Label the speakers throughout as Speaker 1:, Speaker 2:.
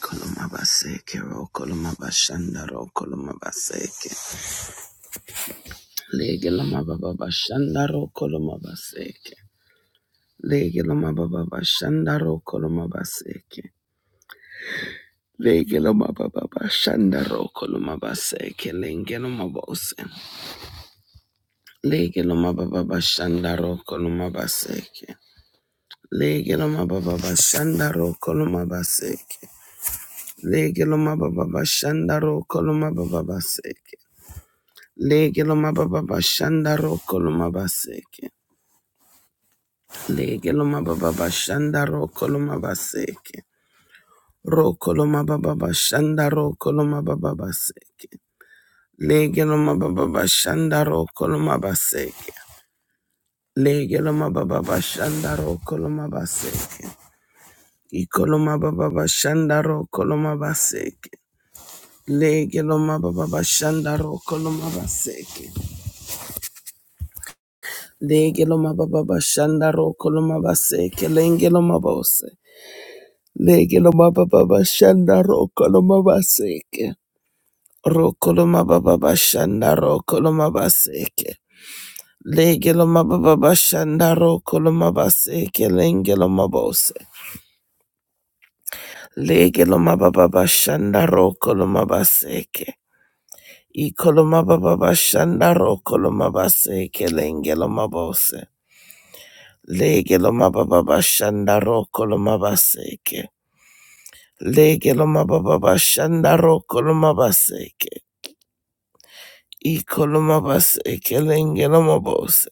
Speaker 1: Kolomabaseke ro kolomabashanda ro kolomabaseke. Lege lomabababashanda ro kolomabaseke. Lege lomabababashanda ro kolomabaseke. Lege lomabababashanda ro kolomabaseke. Lenge lomabose. Lege lomabababashanda ro kolomabaseke. Lege lomabababashanda ro kolomabaseke. Lege lomabababashanda ro kolomababaseke. Lege lo mababa bashanda roko lo mabaseke. Lege lo mababa bashanda roko lo mabaseke. Roko lo mababa bashanda roko lo mababa baseke. Lege lo mababa bashanda roko lo mabaseke. Lege lo mababa bashanda roko lo mabaseke. Iko lo mababa bashanda roko lo mabaseke. Lege lo mababa bashanda roko lo mabaseke. Legelo mababa bashanda roko lo mabase kelenge lo mabose. Legelo mababa bashanda roko lo mabaseke. Roko lo mababa bashanda roko lo mabaseke. Legelo mababa bashanda roko lo mabaseke lenge lo mabose. Legelo mababa bashanda roko lo mabaseke. Ikolo mababa bashanda roko lo mabaseke lenge lo mabose. Legelo mababa bashanda roko lo mabaseke. Legeloma baba bashanda ro koloma baseke. I koloma baseke lengeloma bose.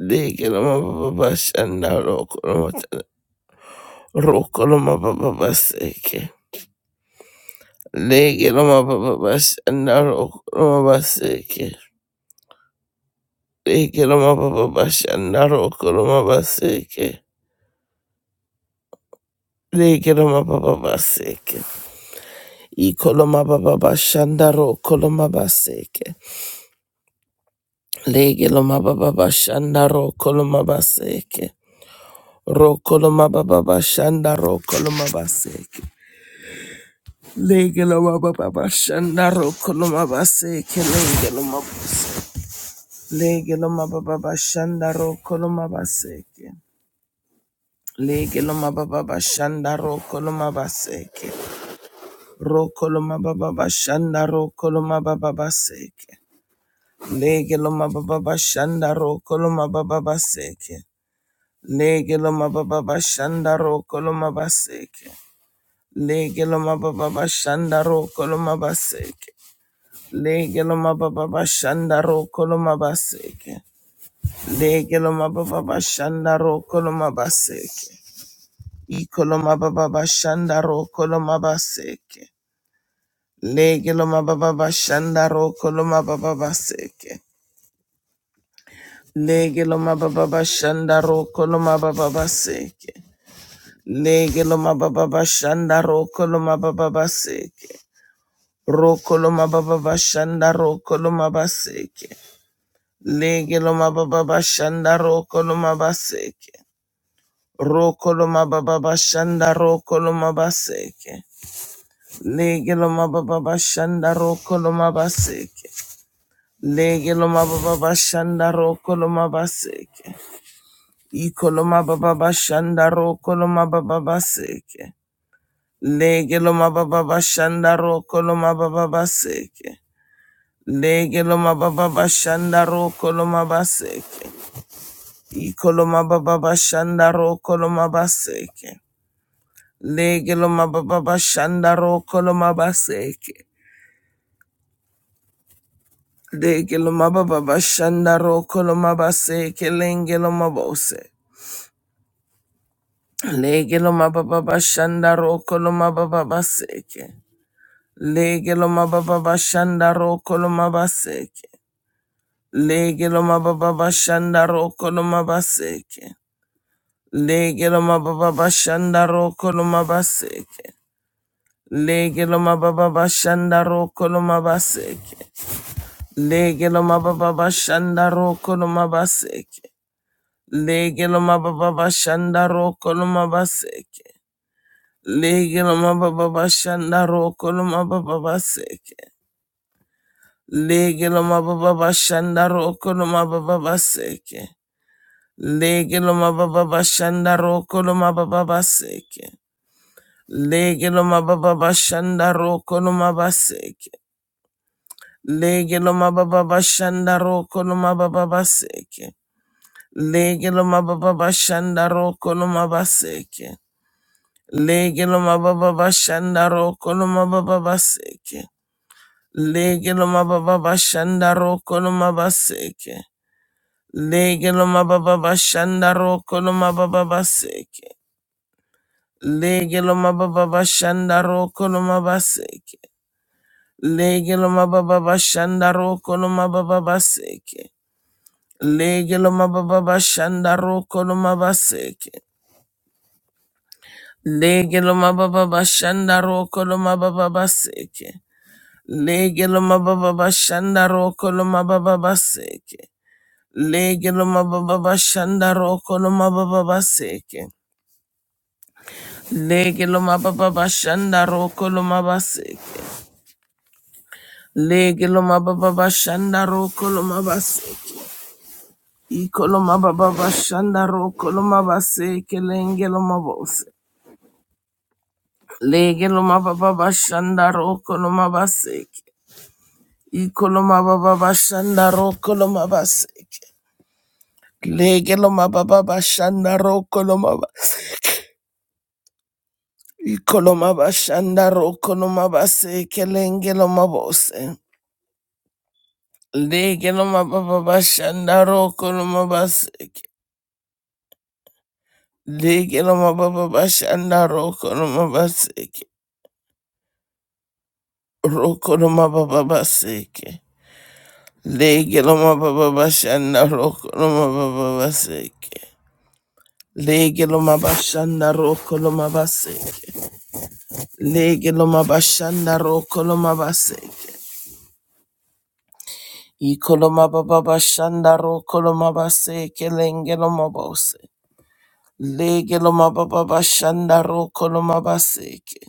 Speaker 1: Legeloma baba bashanda ro koloma ta- ro koloma baba baseke. Legeloma baba bashanda ro koloma baseke. Legeloma baba bashanda ro koloma baseke. Legeloma baba baseke. I koloma baba bashanda ro koloma baseke. Legeloma baba bashanda ro koloma baseke. Rokoloma baba bashanda rokoloma baseke. Legeloma baba bashanda rokoloma baseke. Legeloma Legeloma baba bashanda rokoloma baseke. Legeloma baba bashanda rokoloma baseke. Rokoloma baba bashanda rokoloma baba baseke. Legeloma baba bashanda rokoloma baba baseke. Legeloma baba bashanda rokoloma baseke. Legeloma baba bashanda ro koloma baseke. Legeloma baba bashanda ro koloma baseke. Legeloma baba bashanda ro koloma baseke. Ikoloma baba bashanda ro koloma baseke. Legeloma baba bashanda ro koloma baba baseke. Legeloma baba bashanda ro koloma baba baseke. Legeloma baba bashanda ro koloma baba baseke. Rokoloma baba bashanda rokoloma baseke. Legeloma baba bashanda rokoloma baseke. Rokoloma baba bashanda rokoloma baseke. Legeloma baba bashanda rokoloma baseke. Legeloma baba bashanda rokoloma baseke. Ikoloma baba bashanda rokoloma baba baseke. Legeloma baba bashanda rokoloma baba baseke. Legeloma baba bashanda ro koloma baseke. Ikoloma baba bashanda ro koloma baseke. Legeloma baba bashanda ro koloma baseke. Legeloma baba bashanda ro koloma baseke lengeloma bose. Legeloma baba bashanda ro koloma baba baseke. Legeloma baba bashanda ro koloma baseke. Legeloma baba bashanda ro koloma baseke. Lege lo mababa bashanda roko lo mabaseke. Lege lo mababa bashanda roko lo mabaseke. Lege lo mababa bashanda roko lo mabaseke. Lege lo mababa bashanda roko lo mabaseke. Lege lo mababa bashanda roko lo mababa baseke. Lege lo mababa bashanda roko lo mababa baseke. Lege lo mababa bashanda roko lo mababa baseke. Legeloma baba bashanda roko no mabaseke. Legeloma baba bashanda roko no mababa baseke. Legeloma baba bashanda roko no mabaseke. Legeloma baba bashanda roko no mababa baseke. Legeloma baba bashanda roko no mabaseke. Legeloma baba bashanda roko no mababa baseke. Legeloma baba bashanda roko no mabaseke. Legelo mababa shandaro kono mababa baseke. Legelo mababa shandaro kono mabaseke. Legelo mababa shandaro kono mababa baseke. Legelo mababa shandaro kono mababa baseke. Legelo mababa shandaro kono mababa baseke. Legelo mababa shandaro kono mabaseke. Legelo mababa shandaro kono mabaseke. Ikoloma baba bashandaro koloma base kelengelo bose. Legelo mababa bashandaro koloma baseke. Ikoloma baba bashandaro koloma baseke. Legelo mababa bashandaro koloma baseke. Ikoloma bashandaro koloma baseke lengelo mabose. Legelo mababa bashandaro koloma baseke. Legelo mababa bashandaro koloma baseke. Rokoroma baba baseke. Legeloma baba bashanda rokoroma baba baseke. Legeloma bashanda rokoloma baseke. Legeloma bashanda rokoloma baseke. Ikoloma baba bashanda rokoloma baseke lengeloma bose. Legeloma baba bashanda rokoloma baseke.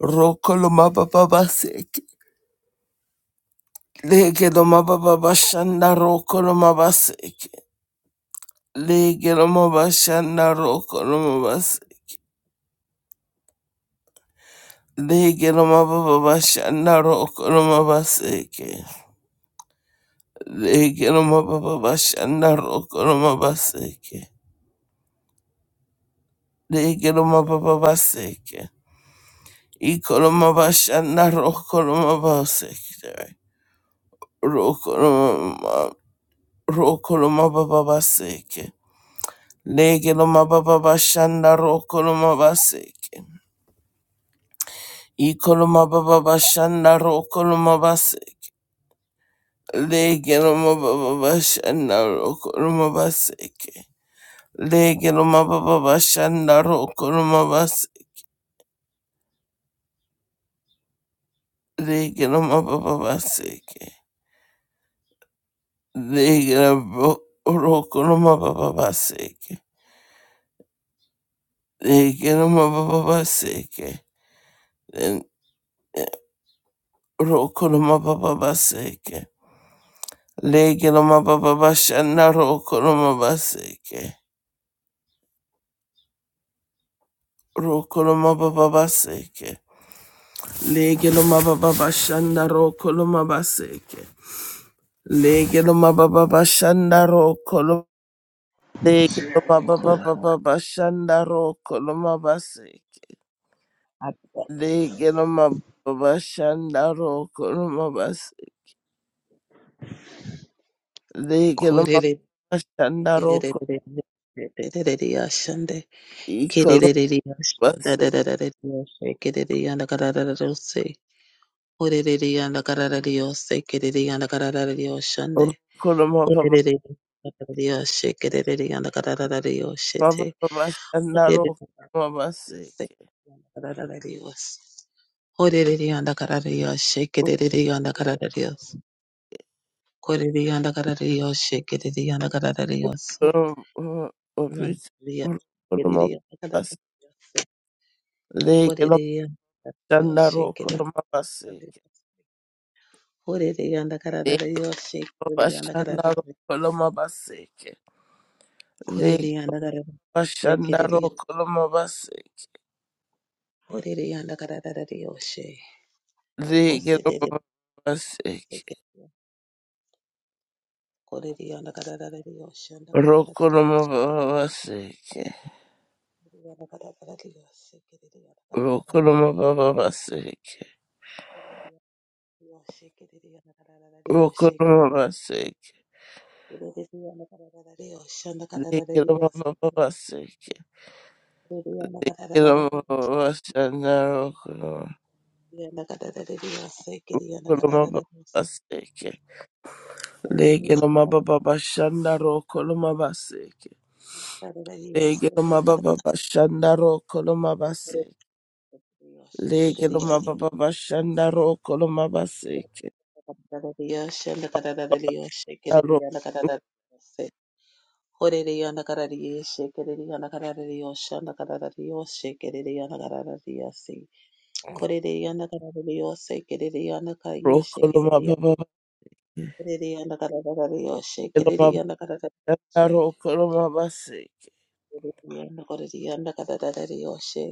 Speaker 1: Rokoloma baba baseke. Legeloma baba bashanda rokoloma baseke. Legeloma bashanda rokoloma bas. Legeloma baba bashanda rokoloma baseke. Legeloma baba bashanda rokoloma baseke. Legeloma baba baseke. Ikoloma bashanda rokoloma baseke. Rokoloma rokoloma baba baseke. Legeloma baba bashanda rokoloma baseke. Ikoloma baba bashanda rokoloma Lege loma baba bashanda roko loma baseke. Lege loma baba bashanda roko loma baseke. Lege loma baba seke. Lege loma roko loma baba baseke. Lege loma baba baseke. Len- Roko loma baba baseke. Lege loma baba bashanda roko loma baseke. Roko loma baba baseke. Lege loma baba bashanda roko loma baseke. Legelo mababa bashanda ro koloma legelo
Speaker 2: Ko-
Speaker 1: mababa baba bashanda ro koloma base
Speaker 2: a-
Speaker 1: legelo mababa bashanda ro koloma base legelo
Speaker 2: korere-
Speaker 1: mababa bashanda ro
Speaker 2: kererererererererererererererererashande,
Speaker 1: koloma
Speaker 2: kererererererashanda,
Speaker 1: base
Speaker 2: dadadadadadadashe, kererereyanda, kararararose, korerereyanda, kararararose, kererereyanda, kararararyoshande,
Speaker 1: koloma mababa
Speaker 2: korerererererererererashe, kererereyanda,
Speaker 1: baba
Speaker 2: kararararyoshete,
Speaker 1: bashanda ro
Speaker 2: korererererererase,
Speaker 1: koloma base
Speaker 2: kararararyose, korerereyanda, kararararyoshe, kererereyanda, kararararyose. Corriendo cara de Dios, queriendo cara de Dios,
Speaker 1: koloma
Speaker 2: queriendo
Speaker 1: base
Speaker 2: cara de Dios, corriendo cara de
Speaker 1: legelo mababa bashanda
Speaker 2: Dios,
Speaker 1: ro
Speaker 2: queriendo cara
Speaker 1: koloma base
Speaker 2: de Dios, queriendo cara de Dios, corriendo cara de
Speaker 1: Bashandaro
Speaker 2: Dios,
Speaker 1: Koloma Baseke. Leg
Speaker 2: queriendo
Speaker 1: Bashandaro Koloma Baseke.
Speaker 2: cara de Dios,
Speaker 1: Leg
Speaker 2: José de Dios,
Speaker 1: Baseke.
Speaker 2: corriendo cara de Dios, anda cara de Dios, queriendo cara de
Speaker 1: Rokoloma
Speaker 2: Dios,
Speaker 1: Baseke.
Speaker 2: queriendo cara de Dios, queriendo
Speaker 1: Rokoloma Baseke.
Speaker 2: Dios,
Speaker 1: Rokoloma Baseke.
Speaker 2: Hallelujah.
Speaker 1: Leg Baseke. Koloma Bashandaro Koloma Baseke. Leg Bashandaro Koloma Baseke. Leg Bashandaro Koloma Baseke. Lege loma baba bashanda roko loma baseke. Aro roko loma baba
Speaker 2: Ririanda kadadadari yoshe,
Speaker 1: loma
Speaker 2: kiririanda kadadadari
Speaker 1: bashanda
Speaker 2: yoshe,
Speaker 1: roko loma baseke.
Speaker 2: kiririanda koririanda kadadadari yoshe,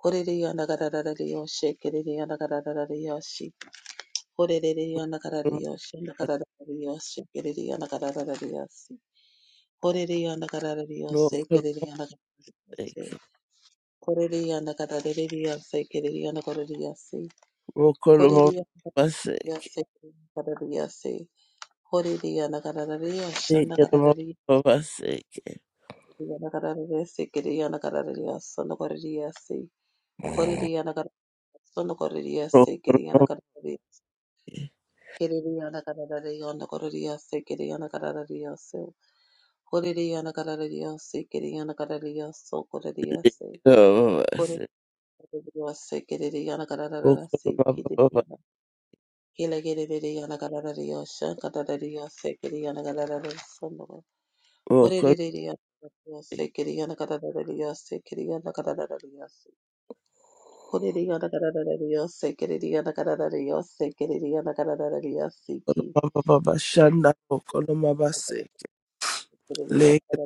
Speaker 2: koririanda kadadadari yoshe, kiririanda kadadadari yoshe, koririanda kadadadari yoshe, anda kadadadari yoshe, kiririanda kadadadari yoshe, koririanda kadadadari yoshe,
Speaker 1: Roko
Speaker 2: kiririanda kadadadari yoshe,
Speaker 1: baseke.
Speaker 2: koririanda kadadadari yoshe, kiririanda kadadadari yoshe, koririanda yoshe, kiririanda
Speaker 1: Roko loma
Speaker 2: kadadadari yoshe,
Speaker 1: baseke.
Speaker 2: koririanda kadadadari yoshe, anda
Speaker 1: Lege loma
Speaker 2: kadadadari
Speaker 1: baba baseke.
Speaker 2: Yanagararese kere yanagararariya sonogarariyase korere yanagar sonogarariyase
Speaker 1: Roko
Speaker 2: kere
Speaker 1: loma
Speaker 2: yanagararare kerere yanagararare yonogarariyase kere yanagararariyase korere yanagararariyase kere yanagararariyaso koreriyase
Speaker 1: baba
Speaker 2: korere
Speaker 1: baseke.
Speaker 2: yanagararariyase kerere
Speaker 1: Roko
Speaker 2: yanagarararase
Speaker 1: loma
Speaker 2: kere yana kararere yasi
Speaker 1: baba
Speaker 2: kere yana kele kerere yanagararariyase kadarariyase kere yanagararare yana korere
Speaker 1: roko
Speaker 2: yanagararariyase kere yanagararariyase kere yanagararariyase Korere riana kararara riyoshe, korere riana
Speaker 1: loma baba bashanda roko loma baseke. Lege loma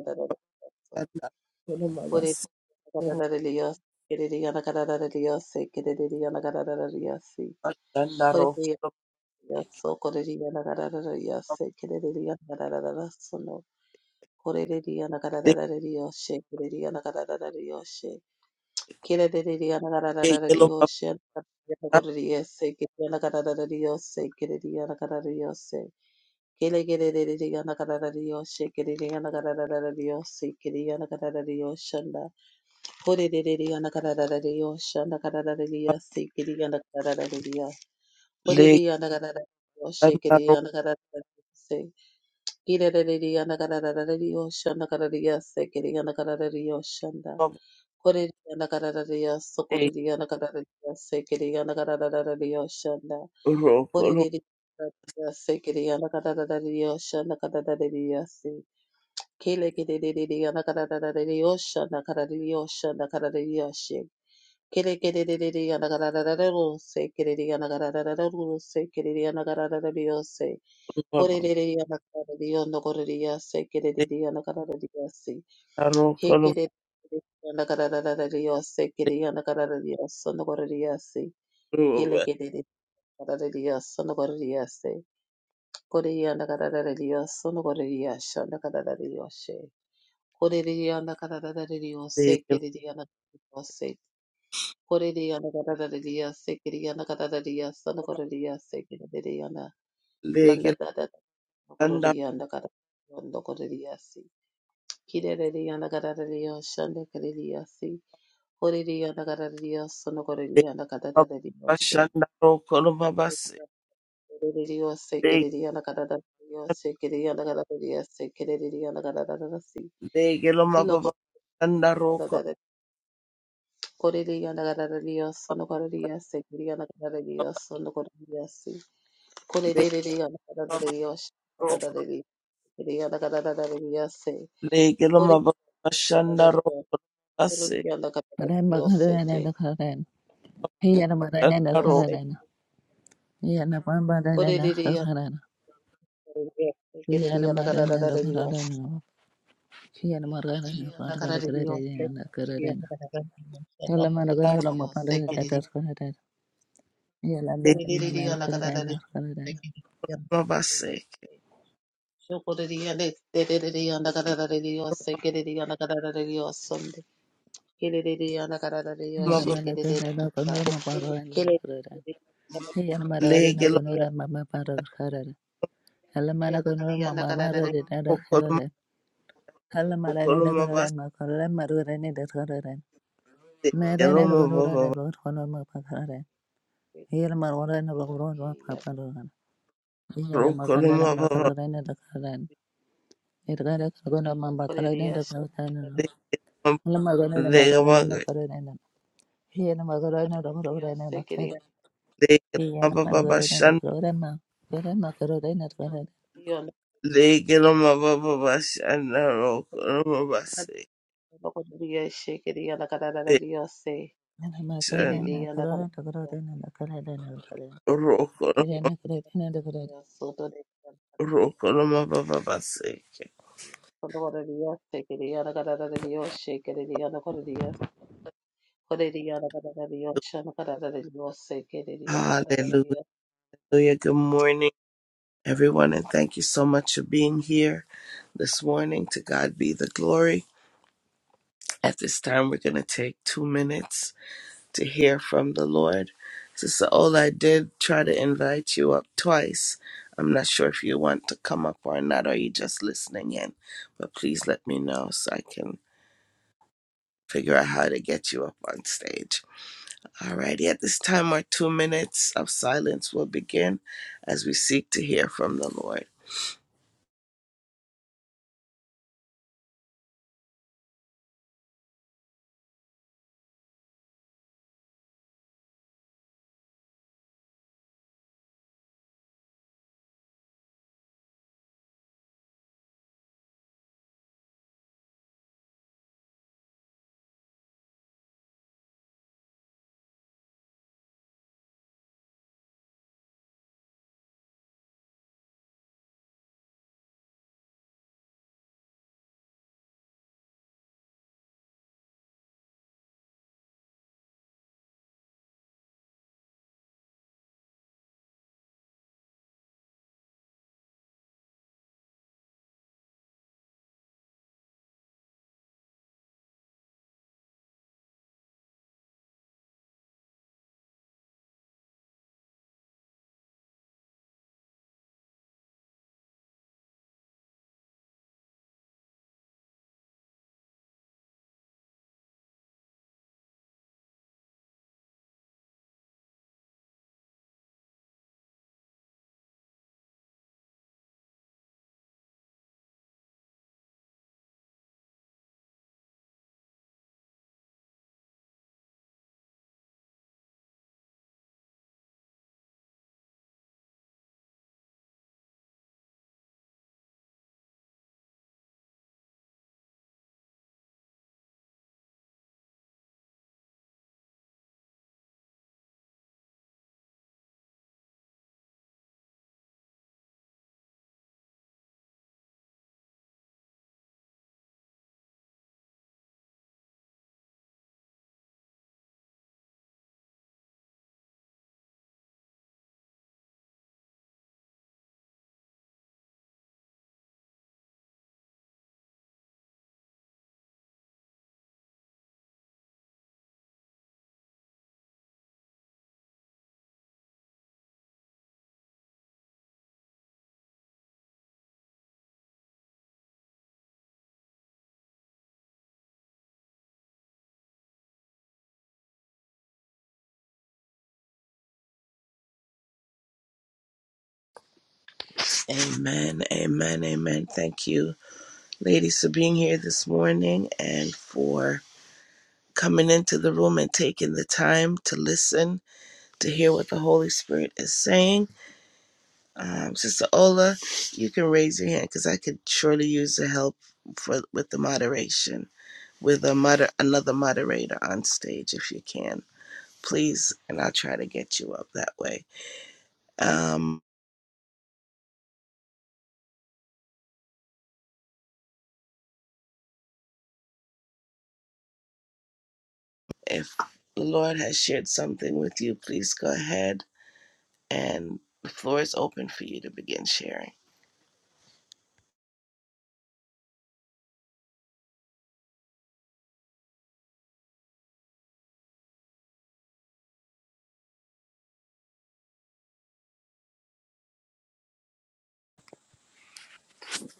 Speaker 1: roko loma baseke.
Speaker 2: kararara riyoshe,
Speaker 1: Bashanda roko loma baseke.
Speaker 2: Kira de Diana Carada
Speaker 1: Lege loma
Speaker 2: Dios, Corriese, Kiriana Carada Dios, Kiriana Carada Dios, Kile Kiri Diana Carada Dios, Kiriana Carada Dios, Kiriana Carada Dios, Shanda, Hori Diana Carada Dios, Shanda Carada Dios, Kiriana Carada Dios, Hori Diana Carada Dios,
Speaker 1: Legelo
Speaker 2: Kiriana Carada Dios, Kira de Diana Carada Dios, Shanda Carada Dios, Kiriana Carada Dios, Koreriyana kararariya sokoreriyana kararariya sekeriyana kararariya shanda.
Speaker 1: rokoloma
Speaker 2: Koreriyana sekeriyana kararariya shanda kararariya se. Kelekereriyana kararariya shanda kararariya shanda kararariya she. Kelekereriyana kararariya sekeriyana kararariya sekeriyana kararariya se. Koreriyana kararariya nokoreriya sekeriyana kararariya se. He get it. Yanda kada da da da da yose. Get it. Yanda kada da da yose. Yanda kada da yose. Hele get it. Kada da da yose. Yanda kada da yose. Kore yanda kada da da da yose. Yanda kada da yose. Yanda kada da da yose. Kore de yanda kada da da da yose. Get it. Yanda kada da yose. Kore de yanda kada da da da yose. Get it. Yanda kada da da yose. Yanda kada da yose. Get it. de Yanda. Landa da da da. Kore de yanda kada. Yanda kada da yose. Kire de yanda kada da da yose. Yanda kada da yose. Oririana Canaria, Sonocoriana Canadioshe,
Speaker 1: rokoloma basi,
Speaker 2: Oririos, Secadiana Canadio,
Speaker 1: legelo
Speaker 2: Secadiana Canadia, Secadiana Canadasi, Kilo
Speaker 1: mababa
Speaker 2: Coririana Canadio, Sonocoria, Secadiana Canadio, Sonocoriasi, Coririana Canadios, Canadadi, Secadiana Canadiase, Coririana Canadios, Coririana
Speaker 3: Hello,
Speaker 2: Canadios, Kelele
Speaker 3: Merene lugurure lurkono makarare. Here marwarene lugurure makarare. Yene makarare
Speaker 1: rokoloma baba
Speaker 3: makarare dakarare. Irgare kagono makarare dakarare. Ula
Speaker 2: Dios,
Speaker 3: makarare makarare makarare. Yene makarare lugurure nakarare. Yene makarare lugurure ma. Yene makarare nakarare. Yene makarare nakarare dakarare nakarare nakarare. Kirene karare nakarare
Speaker 1: Hallelujah. Good morning, everyone, and thank you so much for being here this morning. To God be the glory. At this time, we're going to take two minutes to hear from the Lord. Sister Ola, I did try to invite you up twice. I'm not sure if you want to come up or not, or you just listening in, but please let me know so I can figure out how to get you up on stage. Alrighty, at this time, our two minutes of silence will begin as we seek to hear from the Lord. Amen, amen, amen. Thank you, ladies, for being here this morning and for coming into the room and taking the time to listen to hear what the Holy Spirit is saying. Um, Sister Ola, you can raise your hand because I could surely use the help for with the moderation with a moder- another moderator on stage if you can, please, and I'll try to get you up that way. Um, if the Lord has shared something with you, please go ahead and the floor is open for you to begin sharing.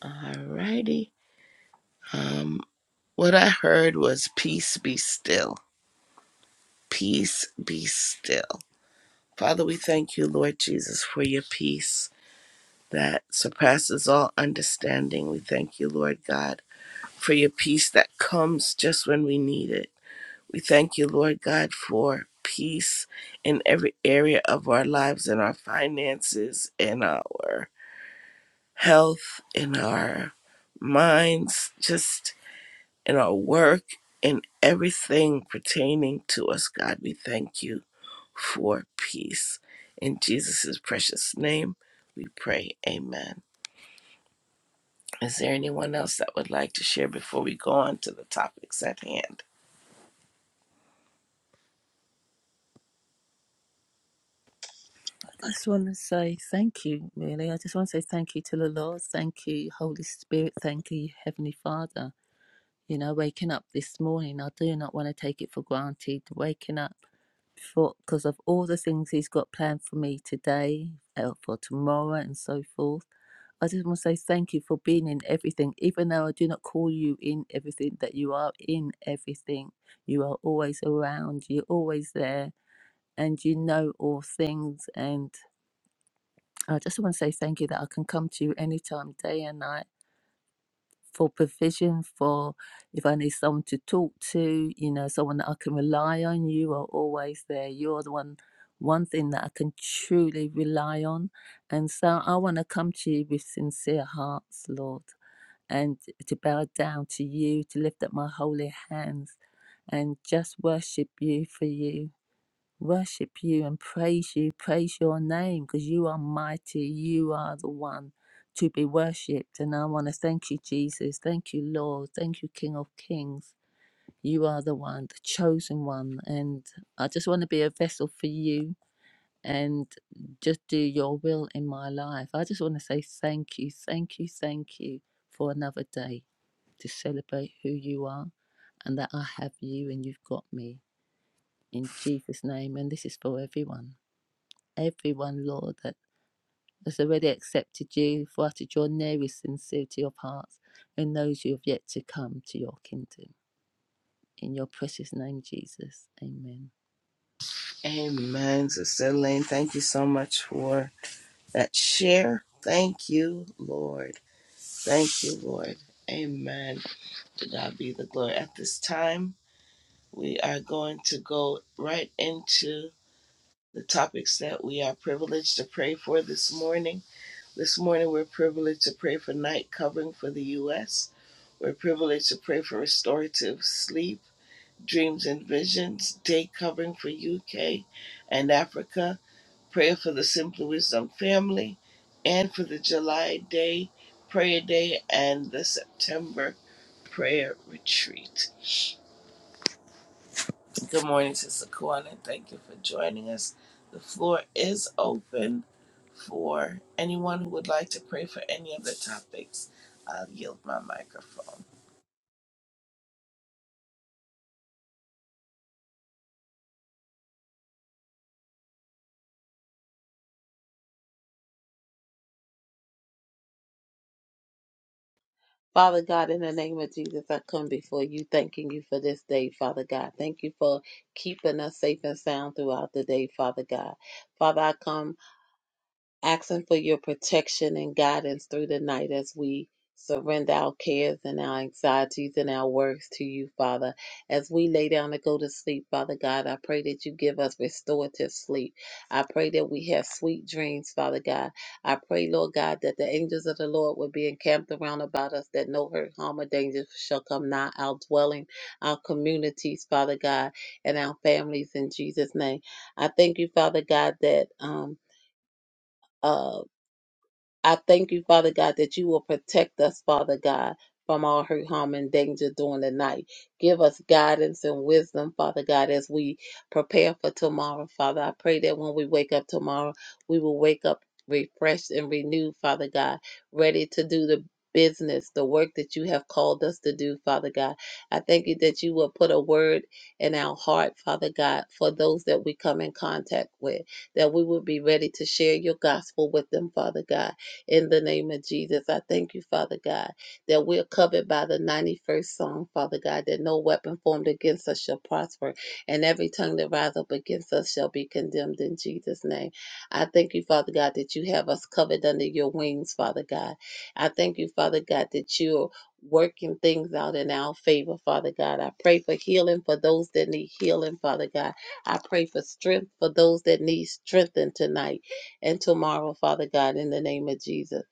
Speaker 1: Alrighty. Um, what I heard was peace be still. Peace be still Father, we thank you, Lord Jesus, for your peace that surpasses all understanding. We thank you, Lord God, for your peace that comes just when we need it. We thank you, Lord God, for peace in every area of our lives, in our finances, in our health, in our minds, just in our work, in everything pertaining to us, God. We thank you for peace. In Jesus' precious name, we pray. Amen. Is there anyone else that would like to share before we go on to the topics at hand?
Speaker 3: just want to say thank you, really. I just want to say thank you to the Lord. Thank you, Holy Spirit. Thank you, Heavenly Father. You know, waking up this morning, I do not want to take it for granted. Waking up for because of all the things He's got planned for me today, uh, for tomorrow, and so forth. I just want to say thank you for being in everything, even though I do not call you in everything, that you are in everything. You are always around, you're always there, and you know all things. and I just want to say thank you that I can come to you anytime, day and night, for provision, for if I need someone to talk to, you know, someone that I can rely on. You are always there. You're the one, one thing that I can truly rely on. And so I want to come to you with sincere hearts, Lord, and to bow down to you, to lift up my holy hands and just worship you for you worship you and praise you, praise your name, because you are mighty. You are the one to be worshipped. And I want to thank you, Jesus. Thank you, Lord. Thank you, King of Kings. You are the one, the chosen one. And I just want to be a vessel for you and just do your will in my life. I just want to say thank you, thank you, thank you for another day to celebrate who you are and that I have you and you've got me. In Jesus' name, and this is for everyone everyone, Lord, that has already accepted you for out of your nary sincerity of heart and those who have yet to come to your kingdom. In your precious name, Jesus. Amen.
Speaker 1: Amen. Sister Elaine, thank you so much for that share. Thank you, Lord. Thank you, Lord. Amen. To God be the glory. At this time, we are going to go right into the topics that we are privileged to pray for this morning. This morning, we're privileged to pray for night covering for the U.S. We're privileged to pray for restorative sleep, dreams and visions, day covering for UK and Africa, prayer for the Simply Wisdom family, and for the July day prayer day and the September prayer retreat. Good morning, Sister Kwan, thank you for joining us. The floor is open for anyone who would like to pray for any of the topics. I'll yield my microphone.
Speaker 2: Father God, in the name of Jesus, I come before you, thanking you for this day, Father God. Thank you for keeping us safe and sound throughout the day, Father God. Father, I come asking for your protection and guidance through the night as we surrender our cares and our anxieties and our worries to you, Father. As we lay down to go to sleep, Father God, I pray that you give us restorative sleep. I pray that we have sweet dreams, Father God. I pray, Lord God, that the angels of the Lord would be encamped around about us, that no hurt, harm, or danger shall come nigh our dwelling, our communities, Father God, and our families in Jesus' name. I thank you, Father God, that um uh I thank you, Father God, that you will protect us, Father God, from all hurt, harm, and danger during the night. Give us guidance and wisdom, Father God, as we prepare for tomorrow, Father. I pray that when we wake up tomorrow, we will wake up refreshed and renewed, Father God, ready to do the business, the work that you have called us to do, Father God. I thank you that you will put a word in our heart, Father God, for those that we come in contact with, that we will be ready to share your gospel with them, Father God in the name of Jesus. I thank you, Father God, that we're covered by the 91st Psalm, Father God, that no weapon formed against us shall prosper, and every tongue that rises up against us shall be condemned in Jesus' name. I thank you, Father God, that you have us covered under your wings, Father God. I thank you, Father God, that you're working things out in our favor, Father God. I pray for healing for those that need healing, Father God. I pray for strength for those that need strengthened tonight and tomorrow, Father God, in the name of Jesus.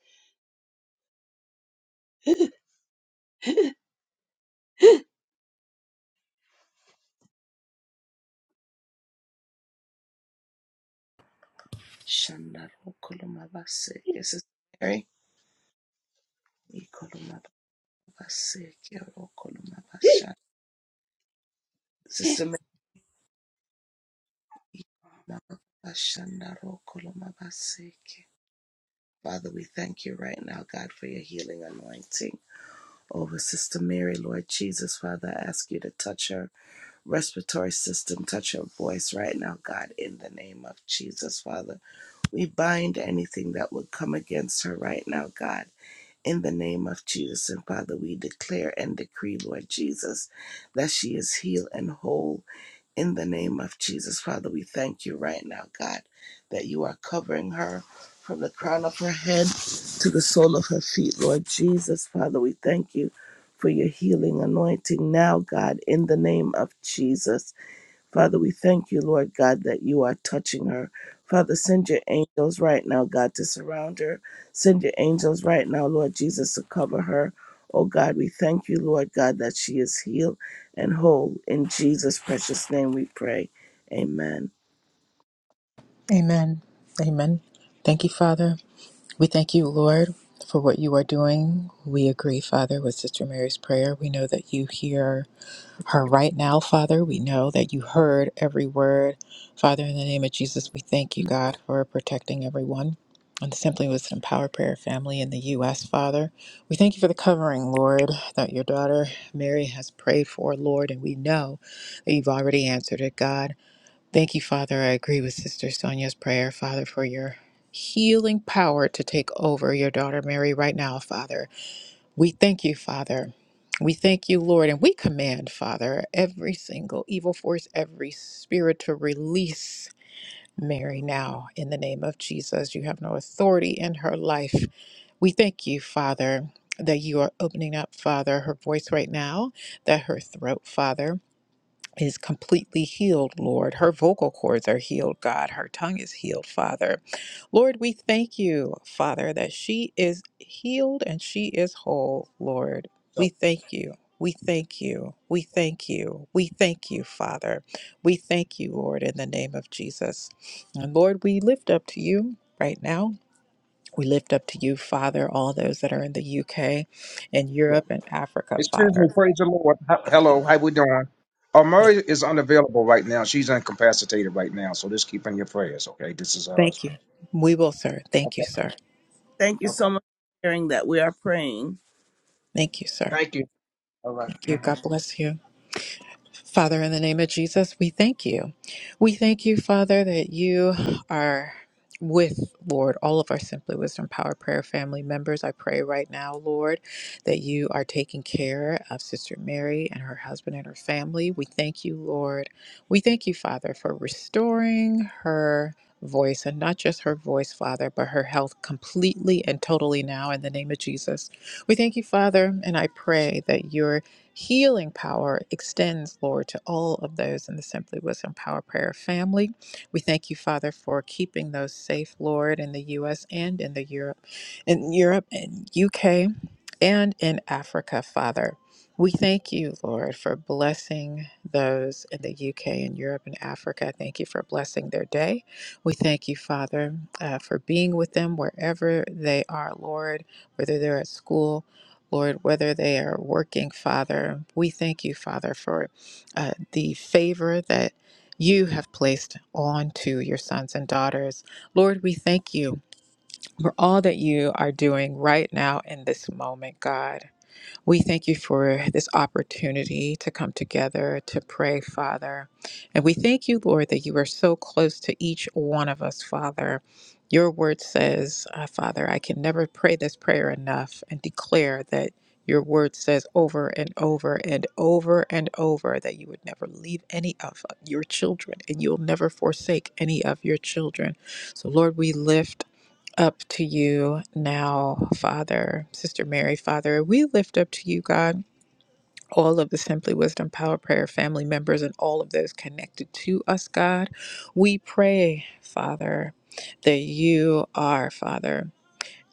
Speaker 1: Shandaro koloma baseke. Sister Mary? Mary baseke. Ro basha. Sister Mary? Mama bashandaro koloma baseke. Father, we thank you right now, God, for your healing anointing over Sister Mary, Lord Jesus. Father, I ask you to touch her respiratory system. Touch your voice right now, God, in the name of Jesus, Father. We bind anything that would come against her right now, God. In the name of Jesus and Father, we declare and decree, Lord Jesus, that she is healed and whole. In the name of Jesus, Father, we thank you right now, God, that you are covering her from the crown of her head to the sole of her feet, Lord Jesus. Father, we thank you for your healing anointing now, God, in the name of Jesus. Father, we thank you, Lord God, that you are touching her. Father, send your angels right now, God, to surround her. Send your angels right now, Lord Jesus, to cover her. Oh God, we thank you, Lord God, that she is healed and whole. In Jesus' precious name we pray. Amen.
Speaker 4: Amen. Amen. Thank you, Father. We thank you, Lord, for what you are doing. We agree, Father, with Sister Mary's prayer. We know that you hear her right now, Father. We know that you heard every word. Father, in the name of Jesus, we thank you, God, for protecting everyone. And simply with some power prayer family in the U.S., Father. We thank you for the covering, Lord, that your daughter Mary has prayed for, Lord, and we know that you've already answered it, God. Thank you, Father. I agree with Sister Sonia's prayer, Father, for your healing power to take over your daughter Mary right now, Father. We thank you, Father. We thank you, Lord, and we command, Father, every single evil force, every spirit to release Mary now in the name of Jesus. You have no authority in her life. We thank you, Father, that you are opening up, Father, her voice right now, that her throat, Father is completely healed, Lord. Her vocal cords are healed, God. Her tongue is healed, Father. Lord, we thank you, Father, that she is healed and she is whole, Lord. We
Speaker 2: So,
Speaker 4: thank you. We thank you. We thank you. We thank you, Father. We thank you, Lord, in the name of Jesus. And Lord, we lift up to you right now. We lift up to you, Father, all those that are in the UK and
Speaker 2: yeah.
Speaker 4: Europe and Africa,
Speaker 2: Excuse
Speaker 4: Father.
Speaker 2: me, praise the Lord. H- hello, how we doing? Uh, Murray is unavailable right now. She's incapacitated right now, so just keep in your prayers, okay? This is her
Speaker 4: Thank
Speaker 2: husband.
Speaker 4: you. We will, sir. Thank you,
Speaker 2: Okay,
Speaker 4: sir.
Speaker 1: Thank you
Speaker 2: okay.
Speaker 1: so much for hearing that we are praying.
Speaker 4: Thank you, sir.
Speaker 2: Thank you. All right.
Speaker 4: Thank you.
Speaker 2: Mhm.
Speaker 4: God bless you. Father, in the name of Jesus, we thank you. We thank you, Father, that you are with, Lord, all of our Simply Wisdom Power Prayer family members. I pray right now, Lord, that you are taking care of Sister Mary and her husband and her family. We thank you, Lord. We thank you, Father, for restoring her. Voice and not just her voice, Father, but her health completely and totally now in the name of Jesus. We thank you, Father, and I pray that you're Healing power extends, Lord, to all of those in the Simply Wisdom Power Prayer family. We thank you, Father, for keeping those safe, Lord, in the U.S. and in the Europe, in Europe and U.K. and in Africa, Father. We thank you, Lord, for blessing those in the UK and Europe and Africa. Thank you for blessing their day. We thank you, Father, uh, for being with them wherever they are, Lord, whether they're at school Lord, whether they are working, Father, we thank you, Father, for uh, the favor that you have placed onto your sons and daughters. Lord, we thank you for all that you are doing right now in this moment, God. We thank you for this opportunity to come together to pray, Father. And we thank you, Lord, that you are so close to each one of us, Father. Your word says, uh, Father, I can never pray this prayer enough and declare that your word says over and over and over and over that you would never leave any of your children and you'll never forsake any of your children. So, Lord, we lift up to you now, Father, Sister Mary, Father. We lift up to you, God, all of the Simply Wisdom Power Prayer family members and all of those connected to us, God. We pray, Father, that you are, Father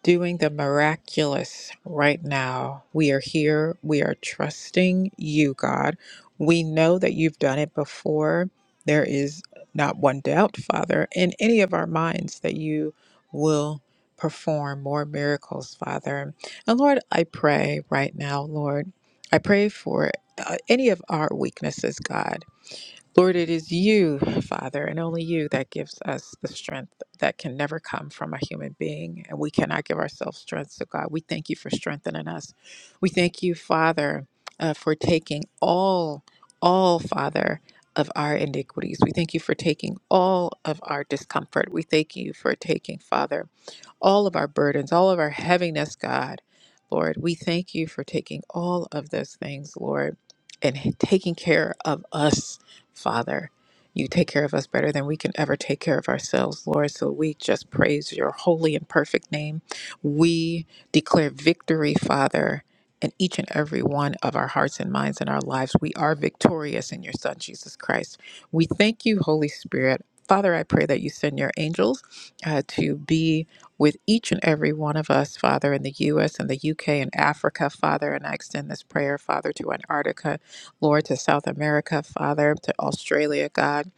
Speaker 4: doing the miraculous right now. We are here. We are trusting you, God. We know that you've done it before. There is not one doubt, Father, in any of our minds that you will perform more miracles, Father. And Lord, I pray right now, Lord, I pray for uh, any of our weaknesses, God. Lord, it is you, Father, and only you that gives us the strength that can never come from a human being. And we cannot give ourselves strength. So, God, we thank you for strengthening us. We thank you, Father, uh, for taking all, all, Father, of our iniquities. We thank you for taking all of our discomfort. We thank you for taking, Father, all of our burdens, all of our heaviness, God. Lord, we thank you for taking all of those things, Lord, and taking care of us, Father. You take care of us better than we can ever take care of ourselves, Lord. So we just praise your holy and perfect name. We declare victory, Father, in each and every one of our hearts and minds and our lives. We are victorious in your Son, Jesus Christ. We thank you, Holy Spirit. Father, I pray that you send your angels uh, to be with each and every one of us, Father, in the U.S. and the U.K. and Africa, Father. And I extend this prayer, Father, to Antarctica, Lord, to South America, Father, to Australia, God,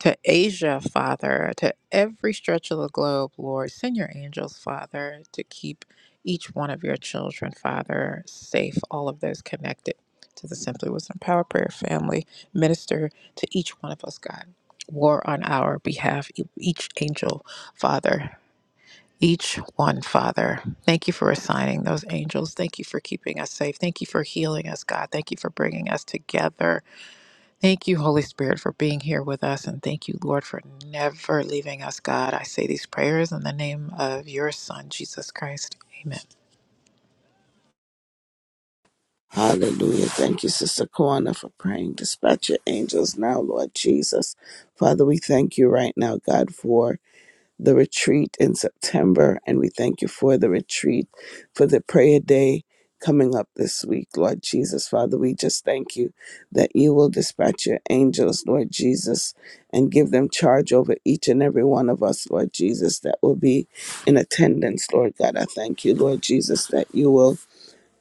Speaker 4: to Asia, Father, to every stretch of the globe, Lord. Send your angels, Father, to keep each one of your children, Father, safe, all of those connected to the Simply Wisdom Power Prayer family. Minister to each one of us, God. War on our behalf, e- each angel, Father each one, Father. Thank you for assigning those angels. Thank you for keeping us safe. Thank you for healing us, God. Thank you for bringing us together. Thank you, Holy Spirit, for being here with us. And thank you, Lord, for never leaving us, God. I say these prayers in the name of your Son, Jesus Christ. Amen.
Speaker 1: Hallelujah. Thank you, Sister Kwana, for praying. Dispatch your angels now, Lord Jesus. Father, we thank you right now, God, for the retreat in September. And we thank you for the retreat, for the prayer day coming up this week, Lord Jesus. Father, we just thank you that you will dispatch your angels, Lord Jesus, and give them charge over each and every one of us, Lord Jesus, that will be in attendance, Lord God. I thank you, Lord Jesus, that you will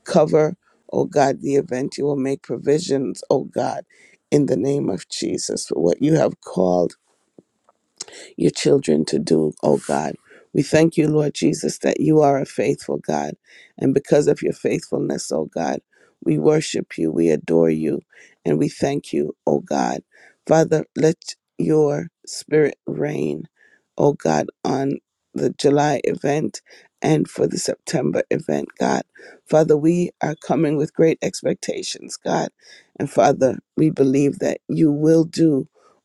Speaker 1: cover, oh God, the event. You will make provisions, oh God. In the name of Jesus, for what you have called your children to do, oh God. We thank you, Lord Jesus, that you are a faithful God. And because of your faithfulness, oh God, we worship you, we adore you, and we thank you, oh God. Father, let your spirit reign, oh God, on the July event and for the September event, God. Father, we are coming with great expectations, God. And Father, we believe that you will do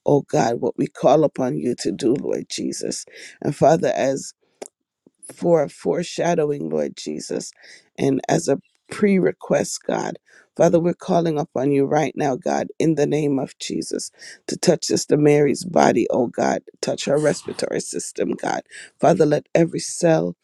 Speaker 1: oh God, what we call upon you to do, Lord Jesus. And Father, as for foreshadowing, Lord Jesus, and as a pre request, God. Father, we're calling upon you right now, God, in the name of Jesus, to touch Sister Mary's body, oh God. Touch her respiratory system, God. Father, let every cell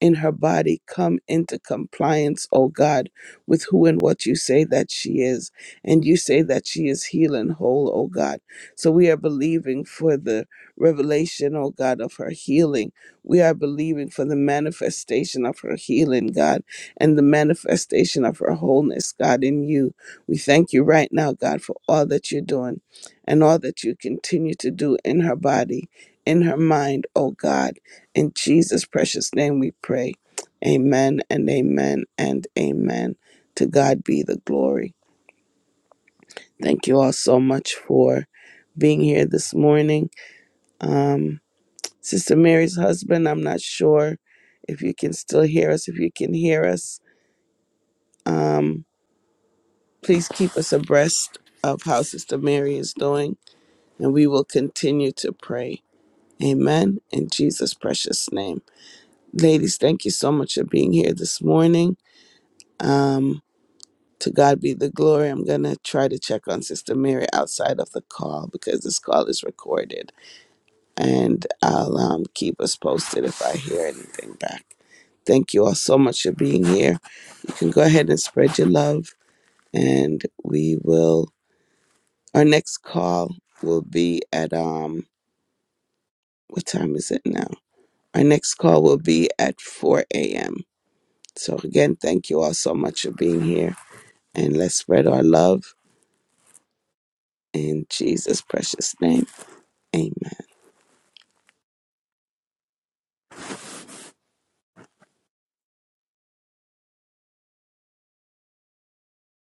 Speaker 1: in her body come into compliance, oh God, with who and what you say that she is. And you say that she is healed and whole, oh God. So we are believing for the revelation, oh God, of her healing we are believing for the manifestation of her healing, God, and the manifestation of her wholeness, God, in you. We thank you right now, God, for all that you're doing and all that you continue to do in her body, in her mind, oh God. In Jesus' precious name we pray. Amen and amen and amen. To God be the glory. Thank you all so much for being here this morning. Um, Sister Mary's husband, I'm not sure if you can still hear us. If you can hear us, um, please keep us abreast of how Sister Mary is doing, and we will continue to pray. Amen. In Jesus' precious name. Ladies, thank you so much for being here this morning. Um, to God be the glory. I'm going to try to check on Sister Mary outside of the call because this call is recorded, and I'll um, keep us posted if I hear anything back. Thank you all so much for being here. You can go ahead and spread your love, and we will. Our next call will be at um. What time is it now? Our next call will be at 4 a.m. So again, thank you all so much for being here, and let's spread our love in Jesus' precious name. Amen.